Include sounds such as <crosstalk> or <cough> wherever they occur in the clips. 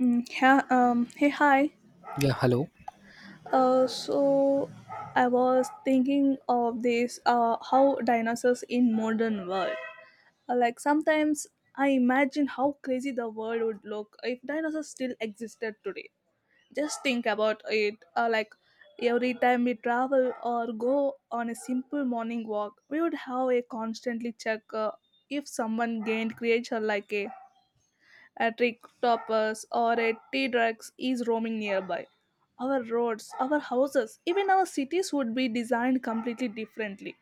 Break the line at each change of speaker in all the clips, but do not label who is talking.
Yeah, Hey, hi.
Yeah, hello.
So I was thinking of this how dinosaurs in modern world. Like sometimes I imagine how crazy the world would look if dinosaurs still existed today. Just think about it. Like every time we travel or go on a simple morning walk, we would have a constantly check if someone gained creature like a trick toppers or a tea drugs is roaming nearby. Our roads, our houses, even our cities would be designed completely differently,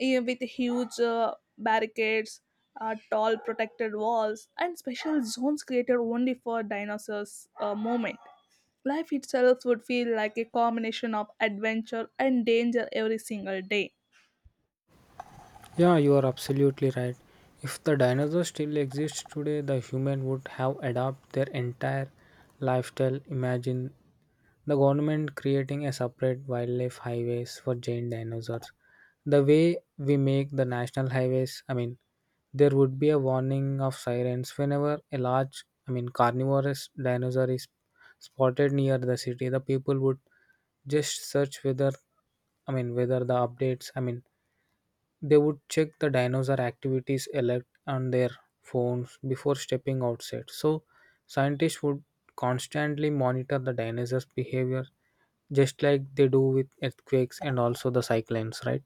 eh, with huge barricades, tall protected walls, and special zones created only for dinosaurs' movement. Life itself would feel like a combination of adventure and danger every single day.
Yeah, you are absolutely right. If the dinosaurs still exist today, the human would have adapted their entire lifestyle. Imagine the government creating a separate wildlife highways for giant dinosaurs. The way we make the national highways, I mean, there would be a warning of sirens whenever a large, I mean, carnivorous dinosaur is spotted near the city. The people would just search whether, I mean, whether the updates, I mean, they would check the dinosaur activities alert on their phones before stepping outside. So scientists would constantly monitor the dinosaurs' behavior just like they do with earthquakes and also the cyclones, right?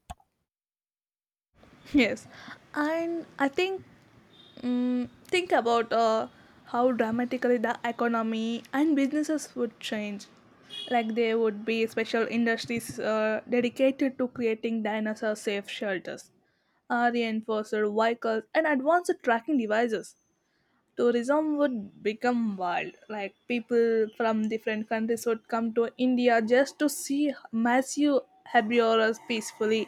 Yes, and I think think about how dramatically the economy and businesses would change. Like there would be special industries dedicated to creating dinosaur safe shelters, reinforced vehicles, and advanced tracking devices tourism would become wild. Like people from different countries would come to India just to see massive herbivores peacefully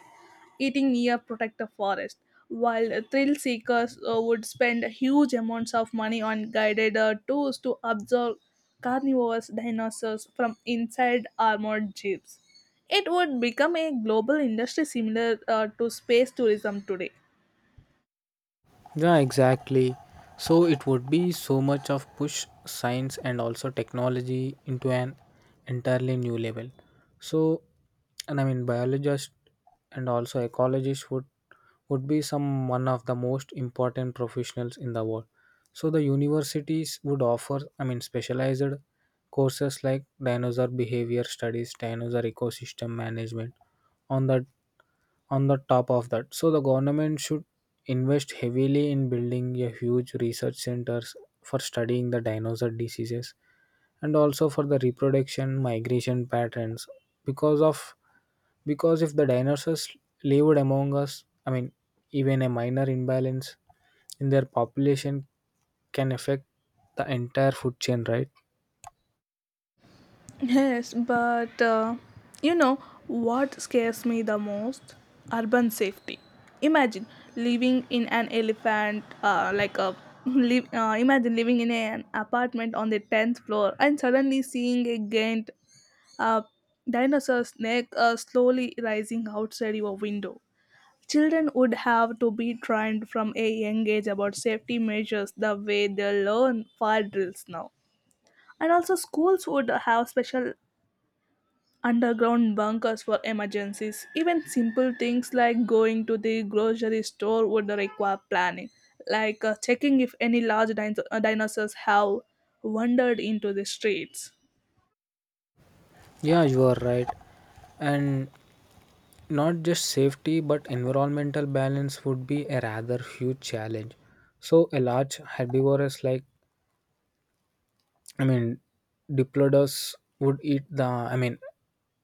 eating near protected forest, while thrill seekers would spend huge amounts of money on guided tours to observe carnivorous dinosaurs from inside armored jeeps. It would become a global industry similar to space tourism today.
Yeah, exactly. So it would be so much of push science and also technology into an entirely new level. So, and I mean, biologists and also ecologists would be some one of the most important professionals in the world. So the universities would offer, I mean, specialized courses like dinosaur behavior studies, dinosaur ecosystem management. On the on the top of that, so the government should invest heavily in building a huge research centers for studying the dinosaur diseases and also for the reproduction migration patterns because of because if the dinosaurs lived among us, I mean, even a minor imbalance in their population can affect the entire food chain, right?
Yes, but you know what scares me the most? Urban safety. Imagine living in an elephant, like a live, Imagine living in an apartment on the tenth floor and suddenly seeing a giant uh, dinosaur snake slowly rising outside your window. Children would have to be trained from a young age about safety measures the way they learn fire drills now, and also schools would have special underground bunkers for emergencies. Even simple things like going to the grocery store would require planning, like checking if any large dinosaurs have wandered into the streets.
Yeah, you are right. And not just safety, but environmental balance would be a rather huge challenge. So a large herbivorous, like, I mean, diplodocus would eat the, I mean,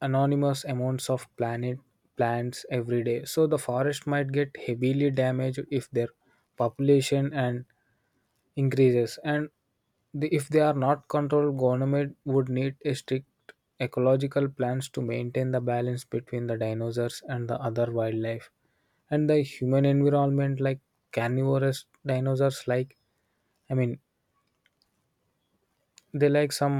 anonymous amounts of planet plants every day. So the forest might get heavily damaged if their population and increases and the, if they are not controlled, government would need a strict ecological plans to maintain the balance between the dinosaurs and the other wildlife and the human environment. Like carnivorous dinosaurs, like, I mean, they like some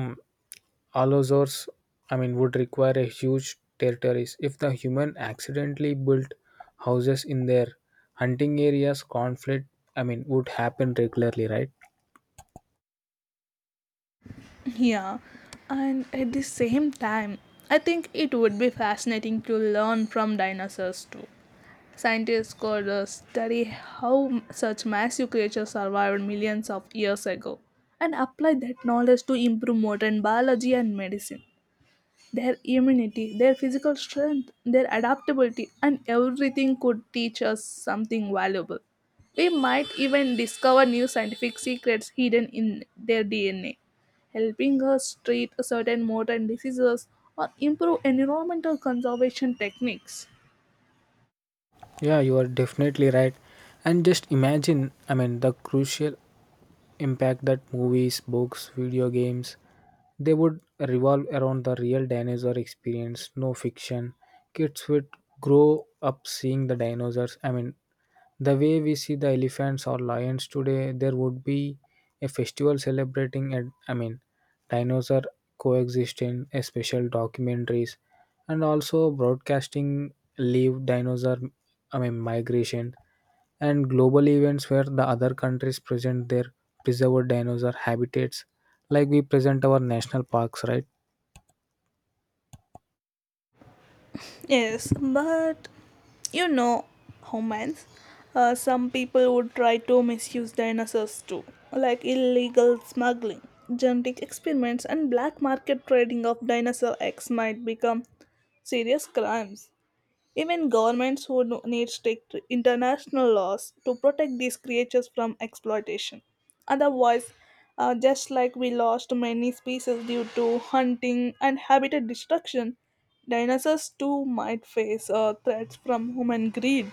allosaurs, I mean, would require a huge territories. If the human accidentally built houses in their hunting areas, conflict, I mean, would happen regularly, right?
Yeah, and at the same time, I think it would be fascinating to learn from dinosaurs too. Scientists could study how such massive creatures survived millions of years ago and apply that knowledge to improve modern biology and medicine. Their immunity, their physical strength, their adaptability, and everything could teach us something valuable. We might even discover new scientific secrets hidden in their DNA, helping us treat certain modern diseases or improve environmental conservation techniques.
Yeah, you are definitely right. And just imagine, I mean, the crucial impact that movies, books, video games, they would revolve around the real dinosaur experience, no fiction. Kids would grow up seeing the dinosaurs, I mean, the way we see the elephants or lions today. There would be a festival celebrating and, I mean, dinosaur coexistence, a special documentaries and also broadcasting live dinosaur, I mean, migration and global events where the other countries present their preserved dinosaur habitats like we present our national parks, right?
Yes, but you know, humans, some people would try to misuse dinosaurs too, like illegal smuggling, genetic experiments, and black market trading of dinosaur eggs might become serious crimes. Even governments would need strict international laws to protect these creatures from exploitation. Otherwise, just like we lost many species due to hunting and habitat destruction, dinosaurs too might face threats from human greed.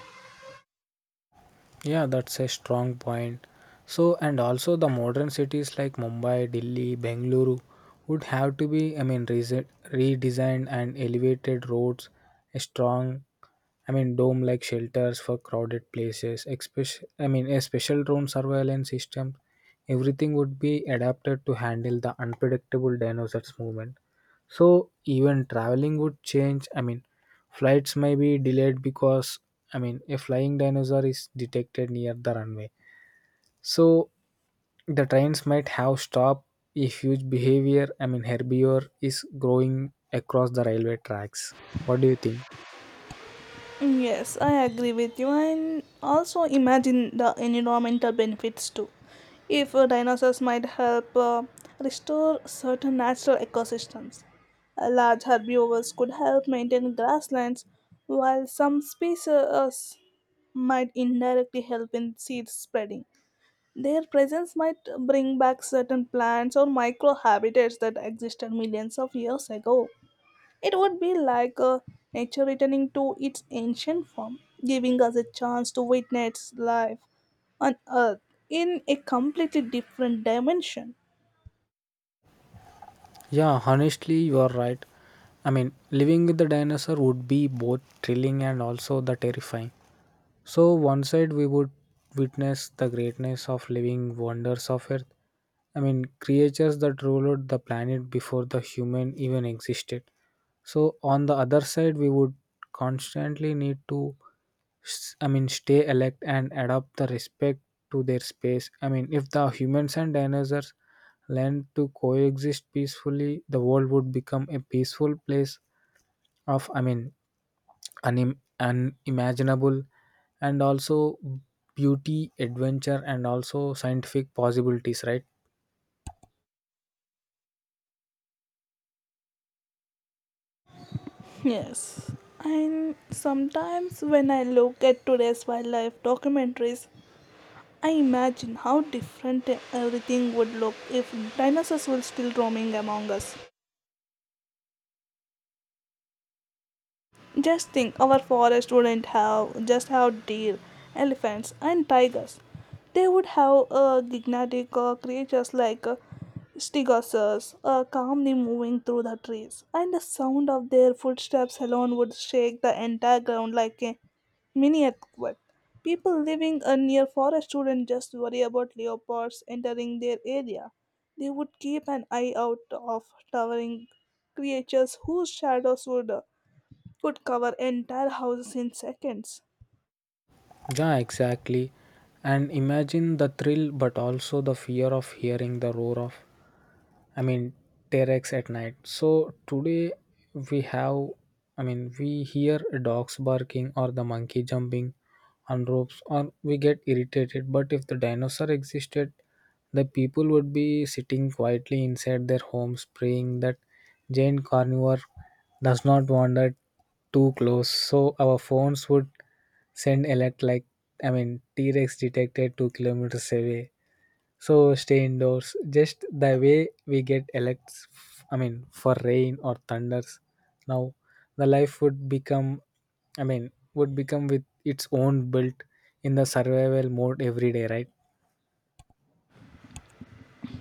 Yeah, that's a strong point. So, and also the modern cities like Mumbai, Delhi, Bengaluru would have to be, I mean, redesigned, and elevated roads, a strong, I mean, dome like shelters for crowded places, especially, I mean, a special drone surveillance system. Everything would be adapted to handle the unpredictable dinosaurs' movement. So, even traveling would change. I mean, flights may be delayed because, I mean, a flying dinosaur is detected near the runway. So, the trains might have stopped if huge behavior, I mean, herbivore, is growing across the railway tracks. What do you think?
Yes, I agree with you, and also imagine the environmental benefits too. If dinosaurs might help restore certain natural ecosystems, large herbivores could help maintain grasslands, while some species might indirectly help in seed spreading. Their presence might bring back certain plants or microhabitats that existed millions of years ago. It would be like nature returning to its ancient form, giving us a chance to witness life on Earth in a completely different dimension.
Yeah, honestly, you are right. I mean, living with the dinosaur would be both thrilling and also the terrifying. So, one side we would witness the greatness of living wonders of Earth, I mean, creatures that ruled the planet before the human even existed. So, on the other side, we would constantly need to, I mean, stay alert and adapt the respect to their space. I mean, if the humans and dinosaurs learned to coexist peacefully, the world would become a peaceful place of, I mean, unimaginable and also beauty, adventure, and also scientific possibilities, right?
Yes, and sometimes when I look at today's wildlife documentaries, I imagine how different everything would look if dinosaurs were still roaming among us. Just think, our forest wouldn't have just have deer, elephants, and tigers. They would have gigantic creatures like stegosaurs calmly moving through the trees, and the sound of their footsteps alone would shake the entire ground like a mini earthquake. People living near forest wouldn't just worry about leopards entering their area. They would keep an eye out of towering creatures whose shadows would could cover entire houses in seconds.
Yeah, exactly. And imagine the thrill, but also the fear of hearing the roar of, I mean, T-Rex at night. So today we have, I mean, we hear dogs barking or the monkey jumping on ropes or we get irritated. But if the dinosaur existed, the people would be sitting quietly inside their homes praying that giant carnivore does not wander too close. So our phones would send alert like, I mean, T-Rex detected 2 kilometers away, so stay indoors, just the way we get elects. I mean, for rain or thunders. Now, the life would become, I mean, would become with its own built in the survival mode every day, right?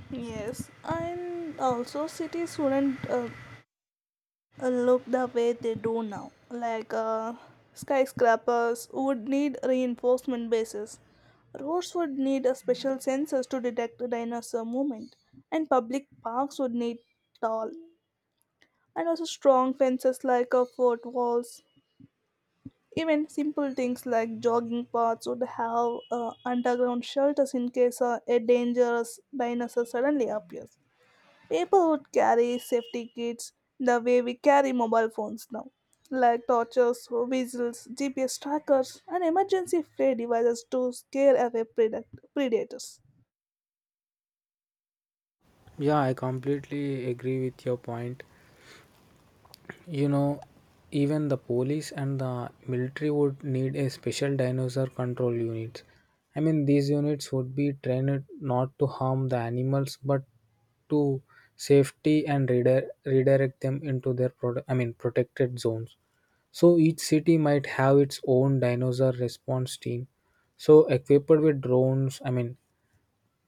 Yes, and also cities wouldn't look the way they do now. Like skyscrapers would need reinforcement bases. Roads would need a special sensors to detect the dinosaur movement, and public parks would need tall and also strong fences like fort walls. Even simple things like jogging paths would have underground shelters in case a dangerous dinosaur suddenly appears. People would carry safety kits the way we carry mobile phones now, like torches, whistles, GPS trackers, and emergency flare devices to scare away predators.
Yeah, I completely agree with your point. You know, even the police and the military would need a special dinosaur control units. I mean, these units would be trained not to harm the animals but to safety and redirect them into their I mean protected zones. So each city might have its own dinosaur response team. So equipped with drones, I mean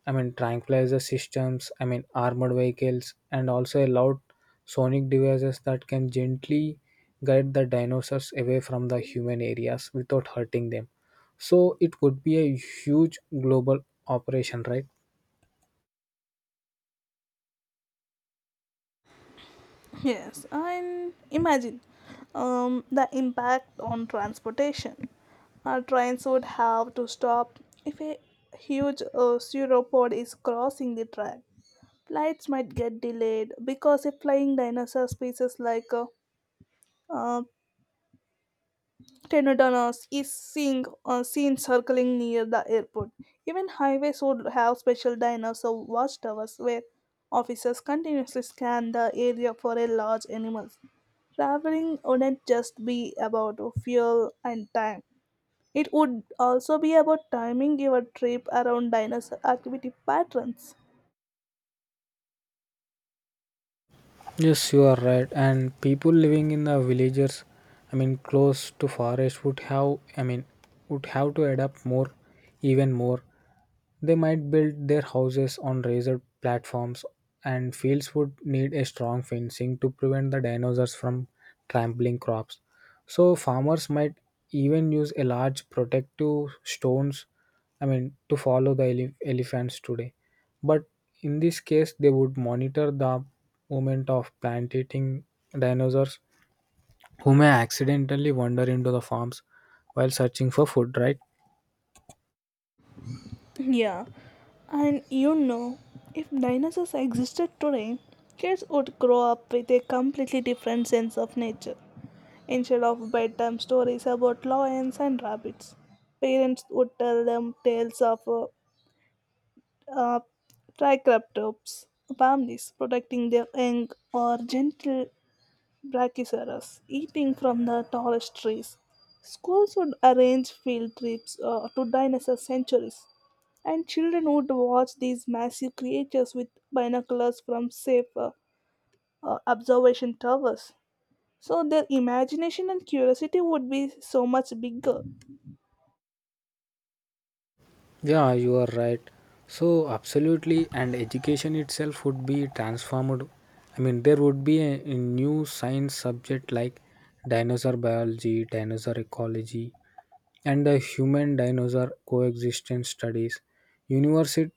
I mean tranquilizer systems, I mean, armored vehicles, and also allowed sonic devices that can gently guide the dinosaurs away from the human areas without hurting them. So it would be a huge global operation, right?
Yes, and imagine the impact on transportation. Our trains would have to stop if a huge sauropod is crossing the track. Flights might get delayed because a flying dinosaur species like uh, Tenedonos is seen circling near the airport. Even highways would have special diners or watchtowers where officers continuously scan the area for a large animals. Traveling wouldn't just be about fuel and time. It would also be about timing your trip around dinosaur activity patterns. <laughs>
Yes, you are right. And people living in the villages, I mean, close to forest would have, I mean, would have to adapt more, even more. They might build their houses on razor platforms, and fields would need a strong fencing to prevent the dinosaurs from trampling crops. So farmers might even use a large protective stones, I mean, to follow the elephants today. But in this case, they would monitor the movement of plant eating dinosaurs who may accidentally wander into the farms while searching for food, right?
Yeah, and you know, if dinosaurs existed today, kids would grow up with a completely different sense of nature. Instead of bedtime stories about lions and rabbits, parents would tell them tales of uh, triceratops families protecting their young or gentle brachiosaurus eating from the tallest trees. Schools would arrange field trips to dinosaur sanctuaries, and children would watch these massive creatures with binoculars from safe observation towers. So their imagination and curiosity would be so much bigger.
Yeah, you are right. So, absolutely, and education itself would be transformed. I mean, there would be a new science subject like dinosaur biology, dinosaur ecology, and the human dinosaur coexistence studies. University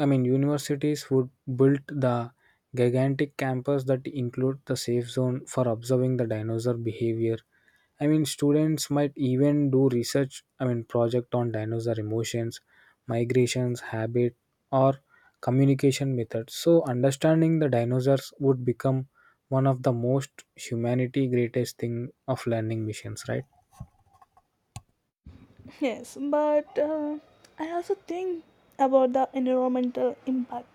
I mean, universities would build the gigantic campus that include the safe zone for observing the dinosaur behavior. I mean, students might even do research, I mean, project on dinosaur emotions, migrations, habit, or communication methods. So, understanding the dinosaurs would become one of the most humanity greatest thing of learning missions, right?
Yes, but I also think about the environmental impact.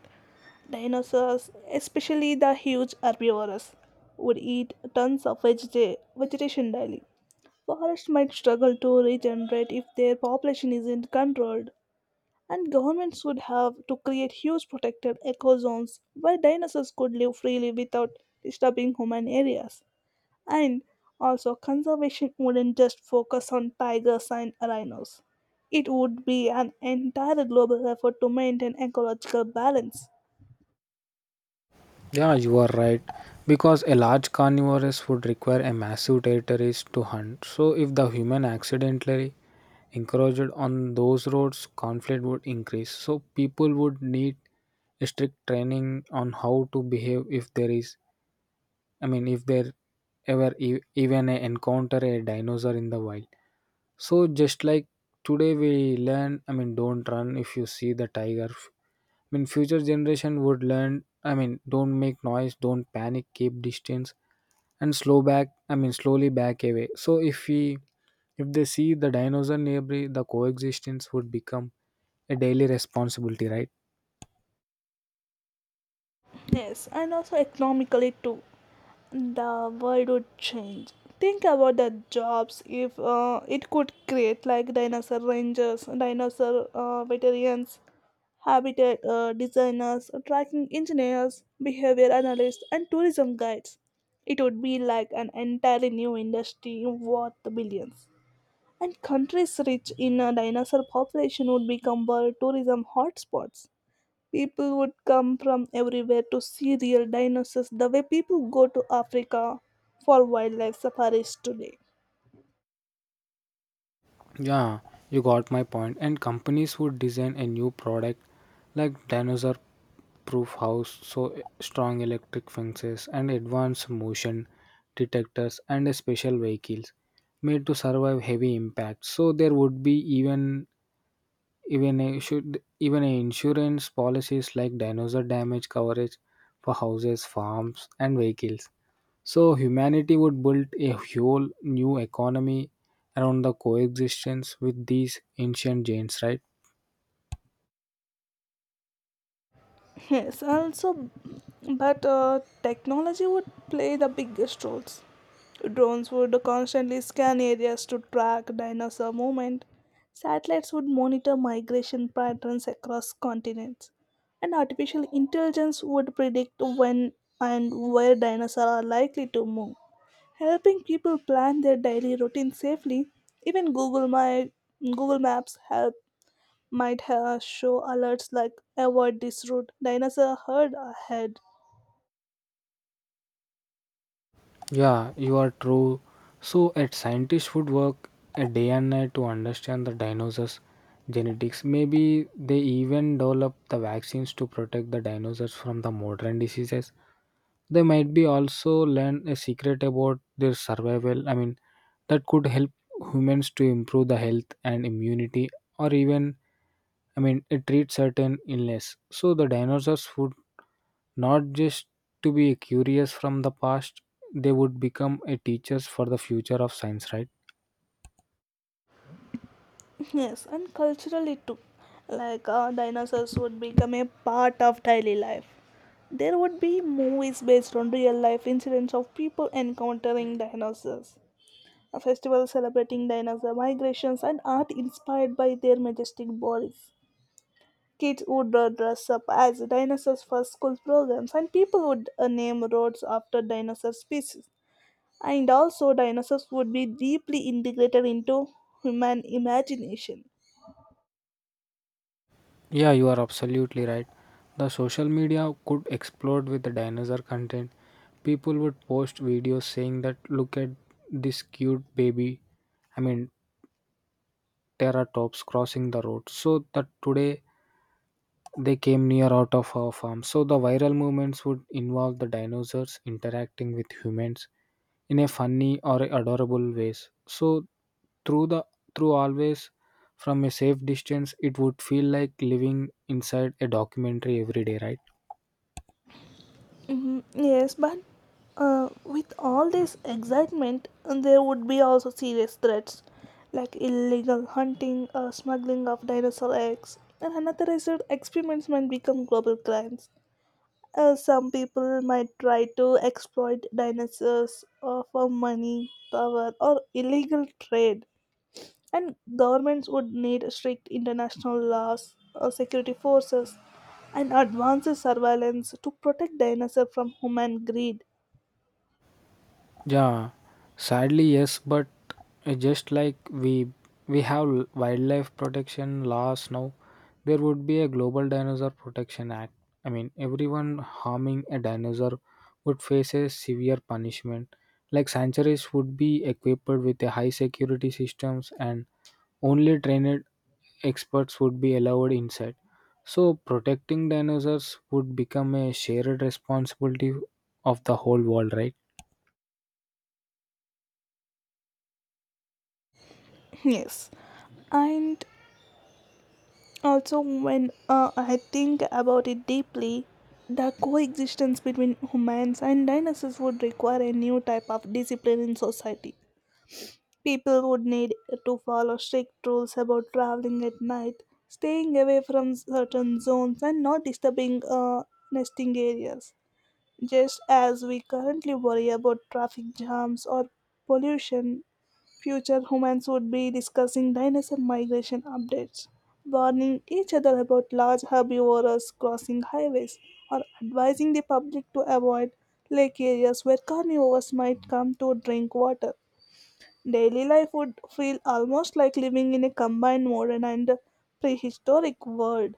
Dinosaurs, especially the huge herbivores, would eat tons of vegetation daily. Forests might struggle to regenerate if their population isn't controlled, and governments would have to create huge protected eco zones where dinosaurs could live freely without disturbing human areas. And also, conservation wouldn't just focus on tigers and rhinos. It would be an entire global effort to maintain ecological balance.
Yeah, you are right. Because a large carnivorous would require a massive territories to hunt. So if the human accidentally encroached on those roads, conflict would increase. So people would need a strict training on how to behave if there is, I mean, if there ever even a encounter a dinosaur in the wild. So just like today we learn, I mean, don't run if you see the tiger. I mean, future generation would learn. I mean, don't make noise, don't panic, keep distance, and slow back. I mean, slowly back away. So if we, if they see the dinosaur neighbor, the coexistence would become a daily responsibility, right?
Yes, and also economically too. The world would change. Think about the jobs if it could create, like dinosaur rangers, dinosaur veterinarians, habitat designers, tracking engineers, behavior analysts, and tourism guides. It would be like an entirely new industry worth billions. And countries rich in a dinosaur population would become world tourism hotspots. People would come from everywhere to see real dinosaurs the way people go to Africa for wildlife safaris today.
Yeah, you got my point. And companies would design a new product like dinosaur proof house, so strong electric fences and advanced motion detectors and a special vehicles made to survive heavy impacts. So there would be even a should even a insurance policies like dinosaur damage coverage for houses, farms and vehicles. So humanity would build a whole new economy around the coexistence with these ancient giants, right?
<laughs> Yes, also, but technology would play the biggest roles. Drones would constantly scan areas to track dinosaur movement. Satellites would monitor migration patterns across continents. And artificial intelligence would predict when and where dinosaurs are likely to move, helping people plan their daily routine safely. Even Google Maps help might show alerts like avoid this route, dinosaur herd ahead.
Yeah, you are true. So a scientist would work a day and night to understand the dinosaurs' genetics. Maybe they even develop the vaccines to protect the dinosaurs from the modern diseases. They might be also learn a secret about their survival. I mean, that could help humans to improve the health and immunity or even, I mean, it treats certain illness. So the dinosaurs would not just to be curious from the past, they would become a teachers for the future of science, right?
Yes, and culturally too. Like dinosaurs would become a part of daily life. There would be movies based on real life incidents of people encountering dinosaurs, a festival celebrating dinosaur migrations, and art inspired by their majestic bodies. Kids would dress up as dinosaurs for school programs, and people would name roads after dinosaur species. And also, dinosaurs would be deeply integrated into human imagination.
Yeah, you are absolutely right. The social media could explode with the dinosaur content. People would post videos saying that look at this cute baby. I mean, teratops crossing the road. So that today they came near out of our farm. So the viral movements would involve the dinosaurs interacting with humans in a funny or adorable ways. So through the through always from a safe distance, it would feel like living inside a documentary every day, right?
Mhm, Yes, but with all this excitement, there would be also serious threats like illegal hunting or smuggling of dinosaur eggs, and unauthorized experiments might become global crimes. Some people might try to exploit dinosaurs for money, power, or illegal trade. And governments would need strict international laws, security forces, and advanced surveillance to protect dinosaurs from human greed.
Yeah, sadly yes, but just like we have wildlife protection laws now, there would be a global dinosaur protection act. I mean, everyone harming a dinosaur would face a severe punishment. Like sanctuaries would be equipped with a high security systems and only trained experts would be allowed inside. So protecting dinosaurs would become a shared responsibility of the whole world, right?
Yes, and also when I think about it deeply, the coexistence between humans and dinosaurs would require a new type of discipline in society. People would need to follow strict rules about traveling at night, staying away from certain zones, and not disturbing nesting areas. Just as we currently worry about traffic jams or pollution, future humans would be discussing dinosaur migration updates, warning each other about large herbivores crossing highways, or advising the public to avoid lake areas where carnivores might come to drink water. Daily life would feel almost like living in a combined modern and prehistoric world.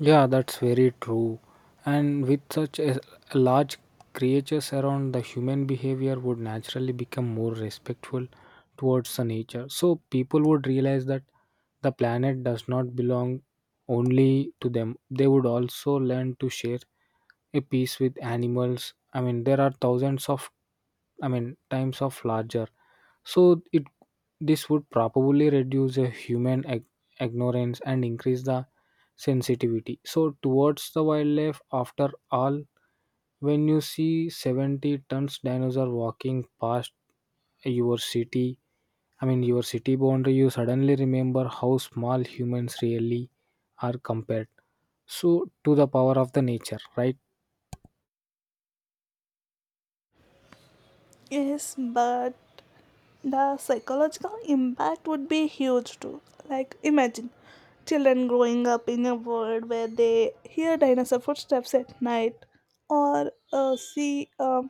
Yeah, that's very true. And with such a large creatures around, the human behavior would naturally become more respectful towards the nature. So people would realize that the planet does not belong only to them. They would also learn to share a piece with animals. I mean, there are thousands of, I mean, times of larger. So it this would probably reduce a human ignorance and increase the sensitivity. So towards the wildlife after all when you see 70 tons dinosaur walking past your city, I mean, your city boundary you suddenly remember how small humans really are compared so to the power of the nature, right?
Yes, but the psychological impact would be huge too, like imagine children growing up in a world where they hear dinosaur footsteps at night or uh, see um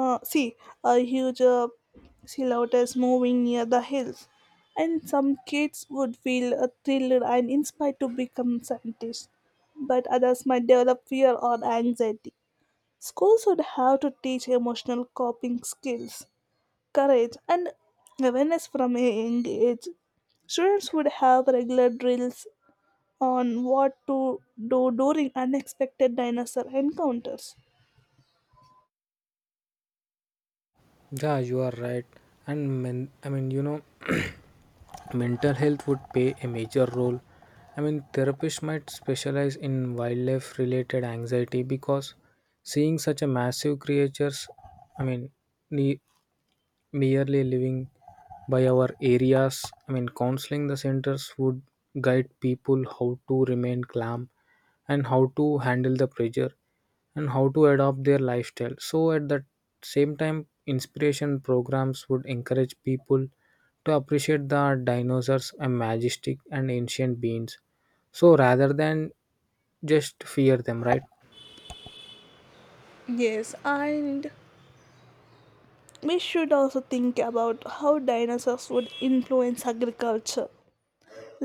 uh, see a huge sea lotus moving near the hills. And some kids would feel thrilled and inspired to become scientists, but others might develop fear or anxiety. Schools would have to teach emotional coping skills, courage, and awareness from a young age. Students would have regular drills on what to do during unexpected dinosaur encounters.
Yeah, you are right. And men, I mean, you know, <clears throat> mental health would play a major role. I mean, therapists might specialize in wildlife related anxiety because seeing such a massive creatures, I mean, ne- merely living by our areas, I mean, counseling the centers would guide people how to remain calm and how to handle the pressure and how to adopt their lifestyle so at the same time inspiration programs would encourage people to appreciate the dinosaurs and majestic and ancient beings so rather than just fear them, right?
Yes, and we should also think about how dinosaurs would influence agriculture.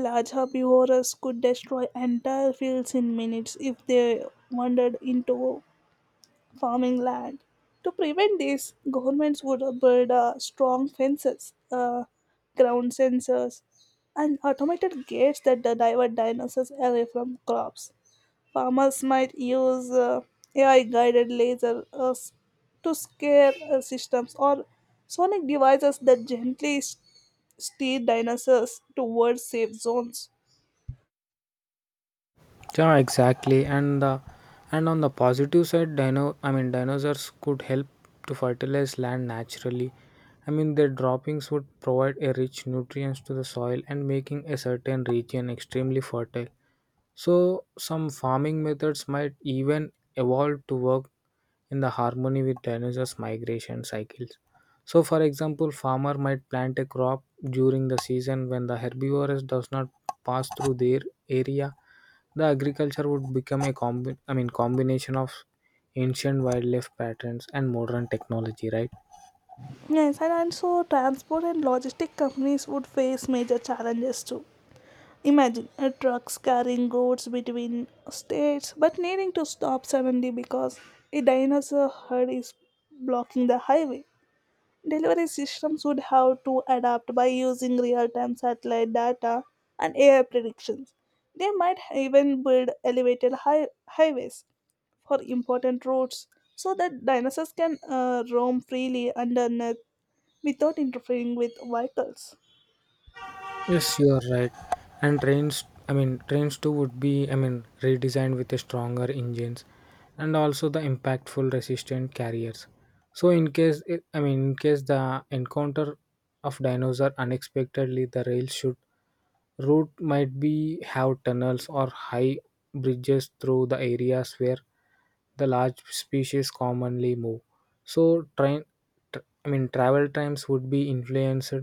Large herbivores could destroy entire fields in minutes if they wandered into farming land. To prevent this, governments would build strong fences, ground sensors, and automated gates that divert dinosaurs away from crops. Farmers might use AI guided laser to scare systems or sonic devices that gently steer dinosaurs towards safe zones.
Yeah, exactly. And on the positive side, dino I mean dinosaurs could help to fertilize land naturally. I mean their droppings would provide a rich nutrients to the soil and making a certain region extremely fertile. So, some farming methods might even evolve to work in the harmony with dinosaurs' migration cycles. So, for example, farmer might plant a crop during the season when the herbivorous does not pass through their area. The agriculture would become a I mean combination of ancient wildlife patterns and modern technology, right?
Yes, and also transport and logistic companies would face major challenges too. Imagine a truck carrying goods between states but needing to stop suddenly because a dinosaur herd is blocking the highway. Delivery systems would have to adapt by using real time satellite data and AI predictions. They might even build elevated highways for important routes so that dinosaurs can roam freely underneath without interfering with vehicles.
Yes, you are right. And trains, I mean, trains too would be, I mean, redesigned with a stronger engines and also the impactful resistant carriers. So in case, I mean, in case the encounter of dinosaur unexpectedly, the rail should route might be have tunnels or high bridges through the areas where the large species commonly move. So train, tr I mean, travel times would be influenced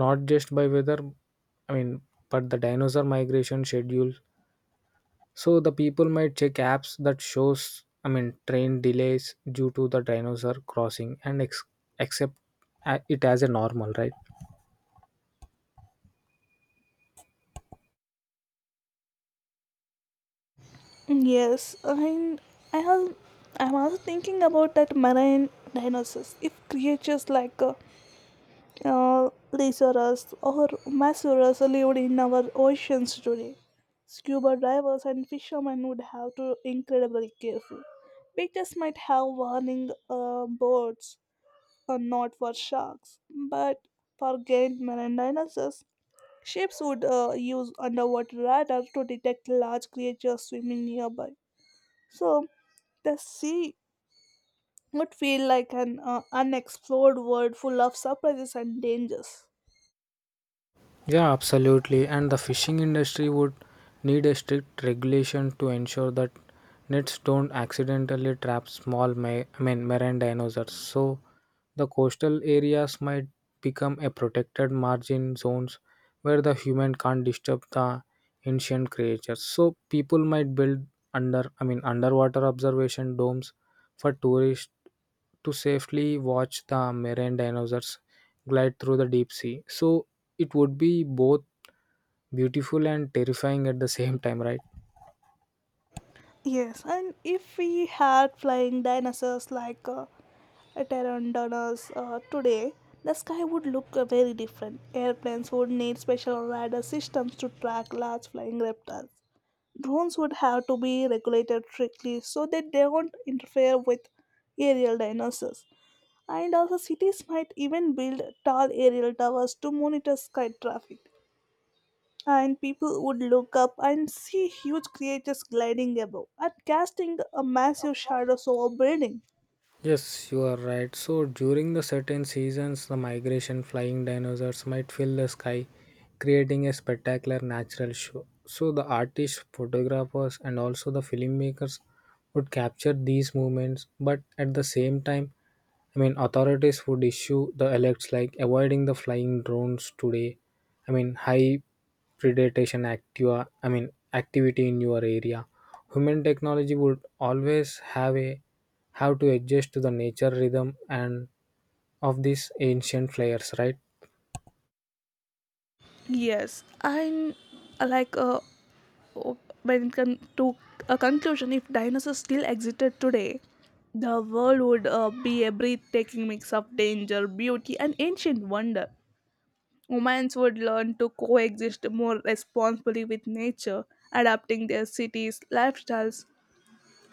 not just by weather, I mean, but the dinosaur migration schedule so the people might check apps that shows, I mean, train delays due to the dinosaur crossing and accept it as a normal, right?
Yes, and I have, I'm also thinking about that marine dinosaurs. If creatures like Lysaurus or Masuras lived in our oceans today, scuba divers and fishermen would have to incredibly careful. Beaches might have warning boards, not for sharks, but for giant marine dinosaurs. Ships would use underwater radar to detect large creatures swimming nearby, so the sea would feel like an unexplored world full of surprises and dangers.
Yeah, absolutely. And the fishing industry would need a strict regulation to ensure that nets don't accidentally trap small, I mean, marine dinosaurs. So the coastal areas might become a protected margin zones where the human can't disturb the ancient creatures. So people might build I mean, underwater observation domes for tourists to safely watch the marine dinosaurs glide through the deep sea. So it would be both beautiful and terrifying at the same time, right?
Yes, and if we had flying dinosaurs like pteranodons today, the sky would look very different. Airplanes would need special radar systems to track large flying reptiles. Drones would have to be regulated strictly so that they don't interfere with aerial dinosaurs. And also cities might even build tall aerial towers to monitor sky traffic, and people would look up and see huge creatures gliding above and casting a massive shadows over building.
Yes, you are right. So during the certain seasons, the migration flying dinosaurs might fill the sky, creating a spectacular natural show. So the artists, photographers, and also the filmmakers would capture these movements, but at the same time, I mean, authorities would issue the alerts like avoiding the flying drones today. I mean, high predation activa. I mean, activity in your area. Human technology would always have to adjust to the nature rhythm and of these ancient players, right?
yes and uh, like uh, o- when it come to a conclusion, if dinosaurs still existed today, the world would be a breathtaking mix of danger, beauty, and ancient wonder. Humans would learn to coexist more responsibly with nature, adapting their cities, lifestyles,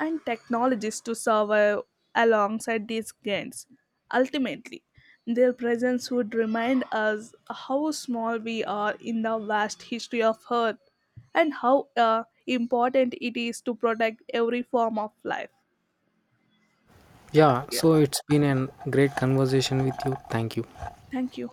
and technologies to survive alongside these gains. Ultimately, their presence would remind us how small we are in the vast history of Earth and how important it is to protect every form of life.
Yeah,
Yeah.
so it's been a great conversation with you. Thank you.
Thank you.